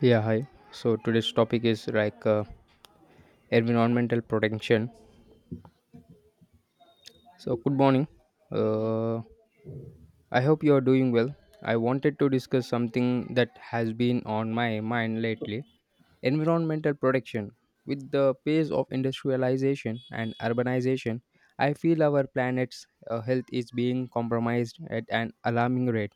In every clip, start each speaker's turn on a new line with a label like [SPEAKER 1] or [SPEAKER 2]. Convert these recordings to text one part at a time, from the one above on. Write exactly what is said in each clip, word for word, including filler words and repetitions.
[SPEAKER 1] Yeah, hi. So today's topic is like uh, environmental protection. So good morning. Uh, I hope you are doing well. I wanted to discuss something that has been on my mind lately: environmental protection. With the pace of industrialization and urbanization, I feel our planet's uh, health is being compromised at an alarming rate.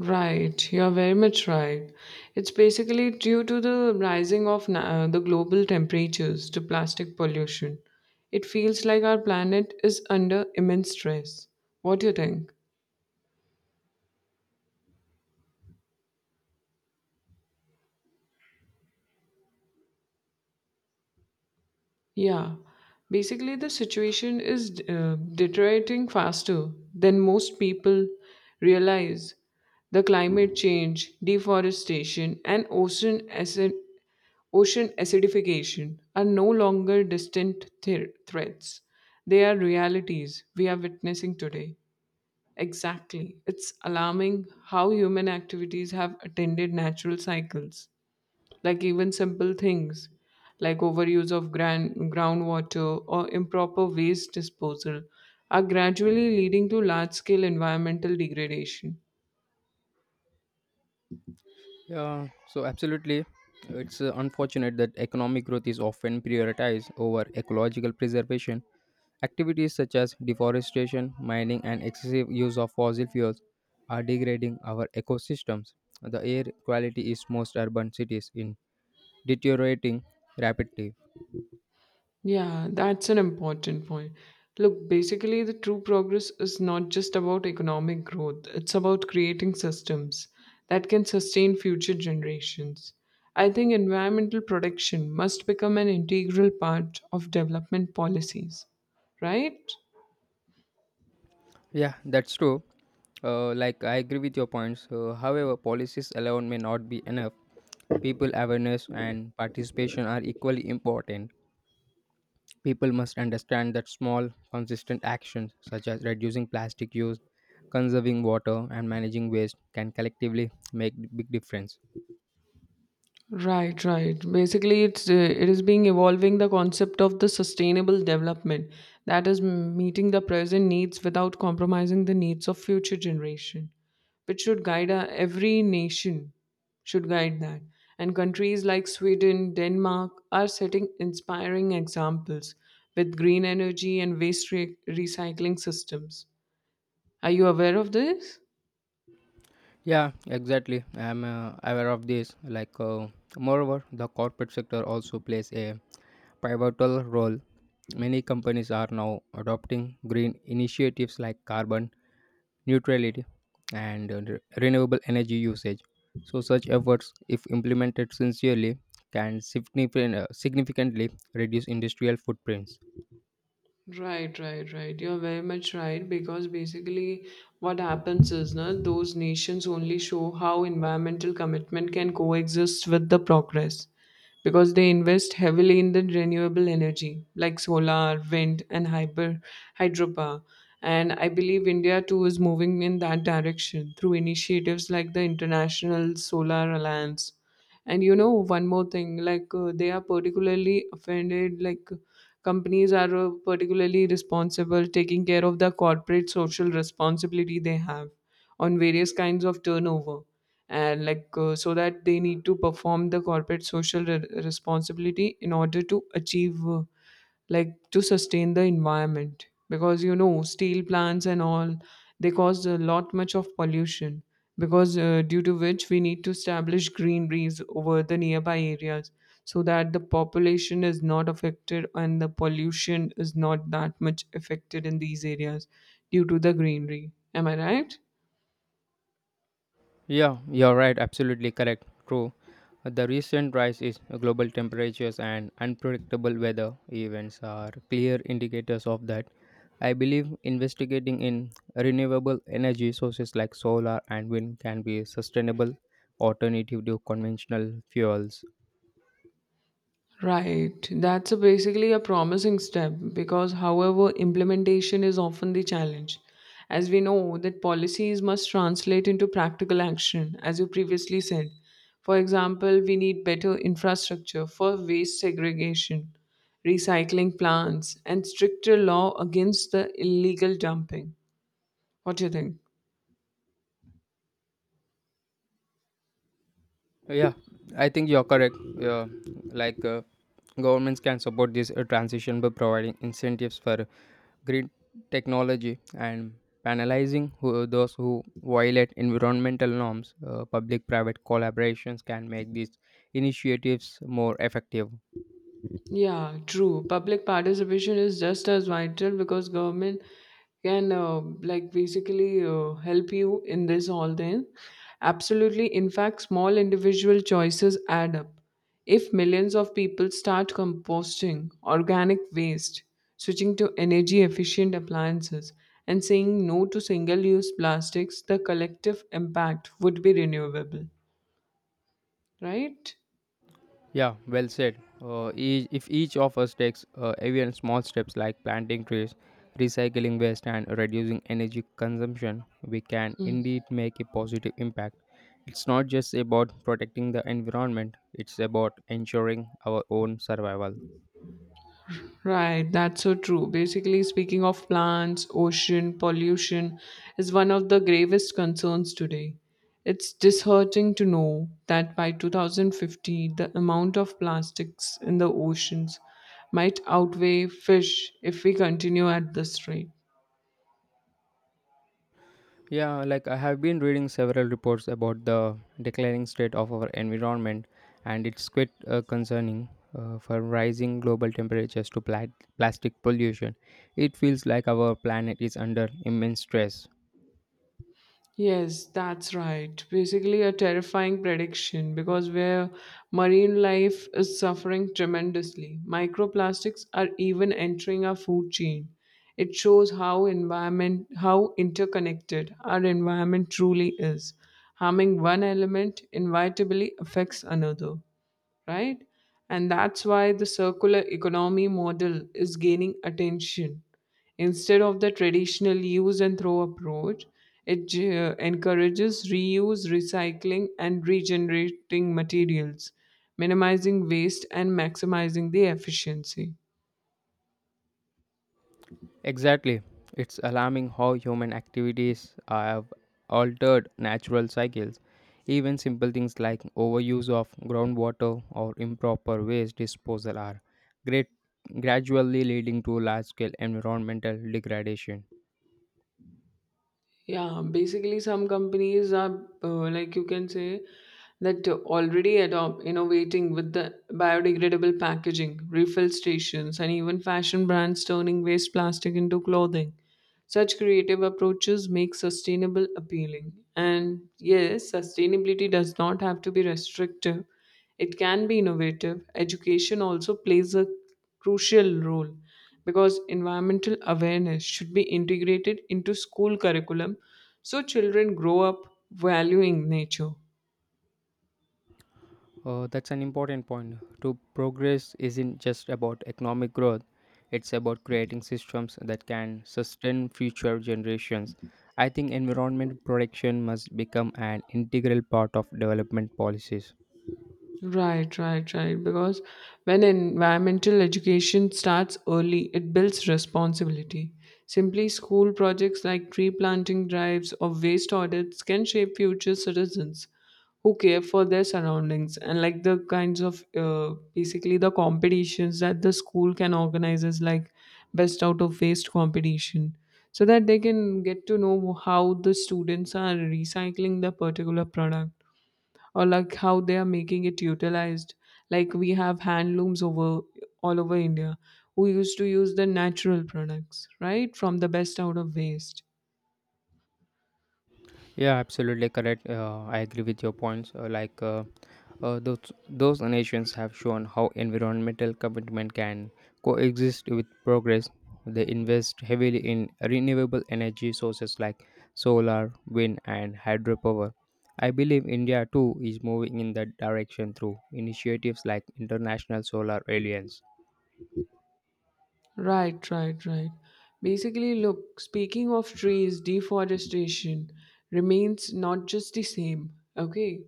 [SPEAKER 2] Right, you're very much right. It's basically due to the rising of na- uh, the global temperatures to plastic pollution. It feels like our planet is under immense stress. What do you think? Yeah, basically, the situation is uh, deteriorating faster than most people realize. The climate change, deforestation, and ocean acid ocean acidification are no longer distant thre- threats. They are realities we are witnessing today. Exactly. It's alarming how human activities have attended natural cycles, like even simple things like overuse of gran- groundwater or improper waste disposal are gradually leading to large scale environmental degradation.
[SPEAKER 1] Yeah, so absolutely. It's uh, unfortunate that economic growth is often prioritized over ecological preservation. Activities such as deforestation, mining, and excessive use of fossil fuels are degrading our ecosystems. The air quality is most urban cities in deteriorating rapidly.
[SPEAKER 2] Yeah, that's an important point. Look, basically, the true progress is not just about economic growth, it's about creating systems that can sustain future generations. I think environmental protection must become an integral part of development policies, right?
[SPEAKER 1] Yeah, that's true. Uh, like, I agree with your points. Uh, however, policies alone may not be enough. People awareness and participation are equally important. People must understand that small, consistent actions such as reducing plastic use, conserving water, and managing waste can collectively make big difference.
[SPEAKER 2] Right, right. Basically, it's uh, it is being evolving the concept of the sustainable development that is m- meeting the present needs without compromising the needs of future generation, which should guide uh, every nation should guide that. And countries like Sweden, Denmark are setting inspiring examples with green energy and waste re- recycling systems. Are you aware of this?
[SPEAKER 1] Yeah, exactly. I'm uh, aware of this. Like, uh, moreover, the corporate sector also plays a pivotal role. Many companies are now adopting green initiatives like carbon neutrality, and uh, re- renewable energy usage. So, such efforts, if implemented sincerely, can significant, uh, significantly reduce industrial footprints.
[SPEAKER 2] Right, right, right. You're very much right because basically what happens is na, those nations only show how environmental commitment can coexist with the progress because they invest heavily in the renewable energy like solar, wind, and hyper hydropower. And I believe India too is moving in that direction through initiatives like the International Solar Alliance, and you know one more thing, like uh, they are particularly offended, like companies are uh, particularly responsible taking care of the corporate social responsibility they have on various kinds of turnover, and like uh, so that they need to perform the corporate social re- responsibility in order to achieve uh, like to sustain the environment, because you know steel plants and all, they cause a lot much of pollution because uh, due to which we need to establish greeneries over the nearby areas so that the population is not affected and the pollution is not that much affected in these areas due to the greenery. Am I right?
[SPEAKER 1] Yeah, you're right, absolutely correct. True. The recent rise in global temperatures and unpredictable weather events are clear indicators of that. I believe investigating in renewable energy sources like solar and wind can be a sustainable alternative to conventional fuels.
[SPEAKER 2] Right. That's a basically a promising step because, however, implementation is often the challenge. As we know, that policies must translate into practical action, as you previously said. For example, we need better infrastructure for waste segregation, recycling plants, and stricter law against the illegal dumping. What do you think?
[SPEAKER 1] Yeah, I think you're correct. Yeah, like uh, governments can support this uh, transition by providing incentives for green technology and penalizing who, those who violate environmental norms. Uh, Public-private collaborations can make these initiatives more effective.
[SPEAKER 2] Yeah, true. Public participation is just as vital because government can uh, like basically uh, help you in this all thing. Absolutely. In fact, small individual choices add up. If millions of people start composting organic waste, switching to energy efficient appliances, and saying no to single use plastics, the collective impact would be renewable, right?
[SPEAKER 1] Yeah, well said. Uh, each, if each of us takes uh, even small steps like planting trees, recycling waste, and reducing energy consumption, we can indeed make a positive impact. It's not just about protecting the environment, it's about ensuring our own survival.
[SPEAKER 2] Right, that's so true. Basically, speaking of plants, ocean pollution is one of the gravest concerns today. It's disheartening to know that by two thousand fifty, the amount of plastics in the oceans might outweigh fish if we continue at this rate.
[SPEAKER 1] Yeah, like I have been reading several reports about the declining state of our environment, and it's quite uh, concerning. Uh, for rising global temperatures to pla- plastic pollution, it feels like our planet is under immense stress.
[SPEAKER 2] Yes, that's right. Basically, a terrifying prediction because where marine life is suffering tremendously, microplastics are even entering our food chain. It shows how environment how interconnected our environment truly is. Harming one element inevitably affects another, right? And that's why the circular economy model is gaining attention. Instead of the traditional use and throw approach, it ge- encourages reuse, recycling, and regenerating materials, minimizing waste and maximizing the efficiency.
[SPEAKER 1] Exactly. It's alarming how human activities have altered natural cycles. Even simple things like overuse of groundwater or improper waste disposal are great, gradually leading to large scale environmental degradation.
[SPEAKER 2] Yeah, basically, some companies are uh, like you can say that already adopt innovating with the biodegradable packaging, refill stations, and even fashion brands turning waste plastic into clothing. Such creative approaches make sustainable appealing. And yes, sustainability does not have to be restrictive, it can be innovative. Education also plays a crucial role because environmental awareness should be integrated into school curriculum so children grow up valuing nature.
[SPEAKER 1] Uh, that's an important point. To progress isn't just about economic growth, it's about creating systems that can sustain future generations. I think environment protection must become an integral part of development policies.
[SPEAKER 2] Right, right, right. Because when environmental education starts early, it builds responsibility. Simply school projects like tree planting drives or waste audits can shape future citizens who care for their surroundings. And like the kinds of uh, basically the competitions that the school can organize is like best out of waste competition so that they can get to know how the students are recycling the particular product or like how they are making it utilized, like we have hand looms over all over India who used to use the natural products right from the best out of waste.
[SPEAKER 1] Yeah, absolutely correct. Uh, I agree with your points. Uh, like uh, uh, those those nations have shown how environmental commitment can coexist with progress. They invest heavily in renewable energy sources like solar, wind, and hydropower. I believe India too is moving in that direction through initiatives like International Solar Alliance.
[SPEAKER 2] Right, right, right. Basically, look, speaking of trees, deforestation remains not just the same, okay?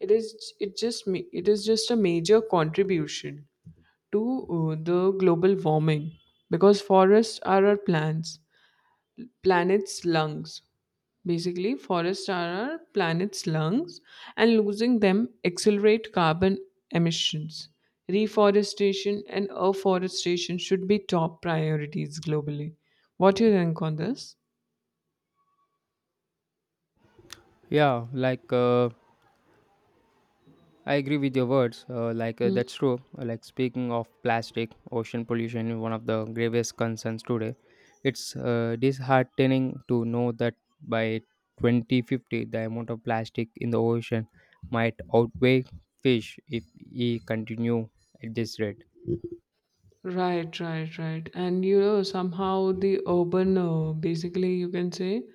[SPEAKER 2] It is it just ma- it is just a major contribution to uh, the global warming because forests are our plants, planet's lungs. Basically, forests are our planet's lungs, and losing them accelerate carbon emissions. Reforestation and afforestation should be top priorities globally. What do you think on this?
[SPEAKER 1] Yeah, like uh, I agree with your words. Uh, like uh,
[SPEAKER 2] Mm.
[SPEAKER 1] that's true. Uh, Like, speaking of plastic, ocean pollution is one of the gravest concerns today. It's uh, disheartening to know that by twenty fifty, the amount of plastic in the ocean might outweigh fish if we continue at this rate.
[SPEAKER 2] Right, right, right. And you know, somehow the urban, uh, basically, you can say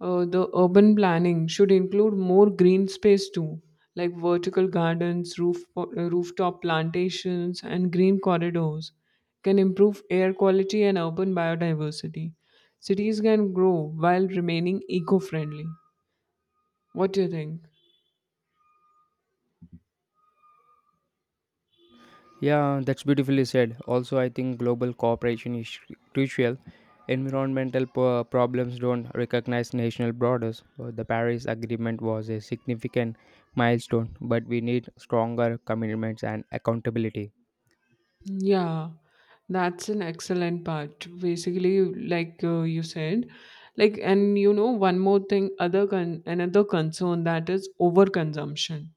[SPEAKER 2] Uh, the urban planning should include more green space too, like vertical gardens, roof, uh, rooftop plantations, and green corridors can improve air quality and urban biodiversity. Cities can grow while remaining eco friendly. What do you think?
[SPEAKER 1] Yeah, that's beautifully said. Also, I think global cooperation is crucial. Environmental po- problems don't recognize national borders. Uh, The Paris Agreement was a significant milestone, but we need stronger commitments and accountability.
[SPEAKER 2] Yeah, that's an excellent part. Basically, like uh, you said, like, and you know, one more thing, other con- another concern that is overconsumption,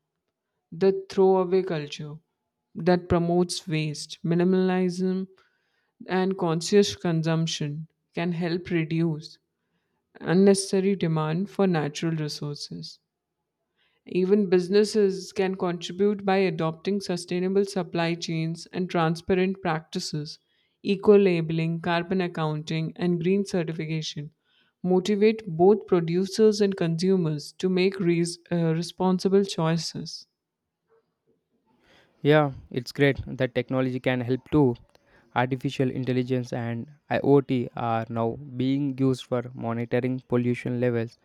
[SPEAKER 2] the throwaway culture that promotes waste, minimalism, and conscious consumption can help reduce unnecessary demand for natural resources. Even businesses can contribute by adopting sustainable supply chains and transparent practices. Eco labeling, carbon accounting, and green certification motivate both producers and consumers to make res- uh, responsible choices.
[SPEAKER 1] Yeah, it's great that technology can help too. Artificial intelligence and IoT are now being used for monitoring pollution levels,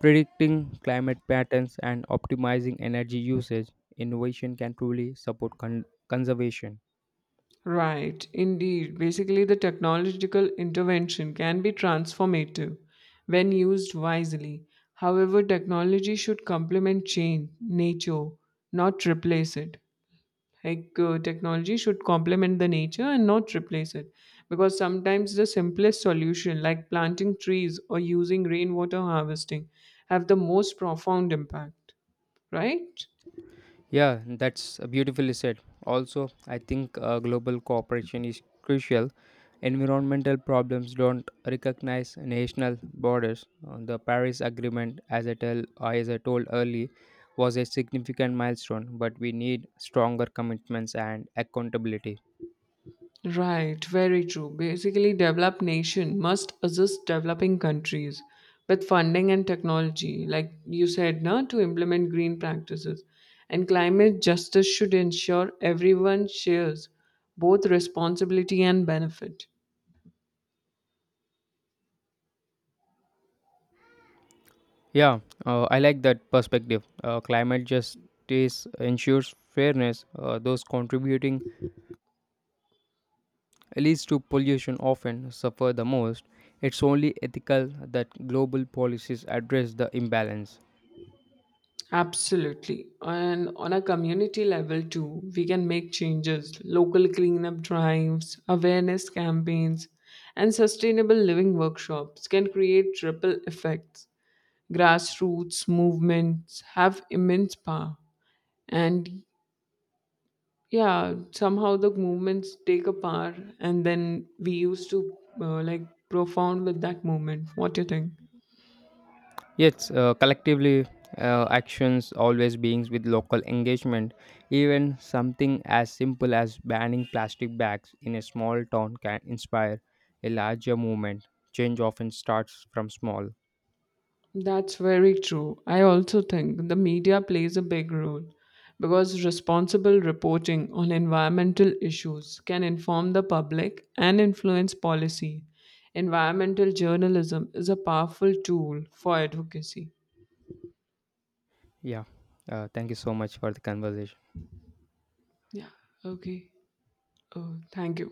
[SPEAKER 1] predicting climate patterns and optimizing energy usage. Innovation can truly support con- conservation.
[SPEAKER 2] Right, indeed. Basically, the technological intervention can be transformative when used wisely. However, technology should complement change, nature, not replace it. Like, uh, technology should complement the nature and not replace it, because sometimes the simplest solution, like planting trees or using rainwater harvesting, have the most profound impact, right?
[SPEAKER 1] Yeah, that's beautifully said. Also, I think uh, global cooperation is crucial. Environmental problems don't recognize national borders. Uh, The Paris Agreement, as I, tell, as I told early, was a significant milestone, but we need stronger commitments and accountability.
[SPEAKER 2] Right, very true. Basically, developed nation must assist developing countries with funding and technology, like you said, now to implement green practices. And climate justice should ensure everyone shares both responsibility and benefit.
[SPEAKER 1] Yeah, uh, I like that perspective. Uh, climate justice ensures fairness. Uh, those contributing least to pollution often suffer the most. It's only ethical that global policies address the imbalance.
[SPEAKER 2] Absolutely. And on a community level, too, we can make changes. Local cleanup drives, awareness campaigns, and sustainable living workshops can create ripple effects. Grassroots movements have immense power, and yeah, somehow the movements take a power and then we used to uh, like profound with that movement. What do you think?
[SPEAKER 1] Yet, uh, collectively, uh, actions always begins with local engagement. Even something as simple as banning plastic bags in a small town can inspire a larger movement. Change often starts from small.
[SPEAKER 2] That's very true. I also think the media plays a big role because responsible reporting on environmental issues can inform the public and influence policy. Environmental journalism is a powerful tool for advocacy.
[SPEAKER 1] Yeah, uh, thank you so much for the conversation.
[SPEAKER 2] Yeah. Okay. Oh, thank you.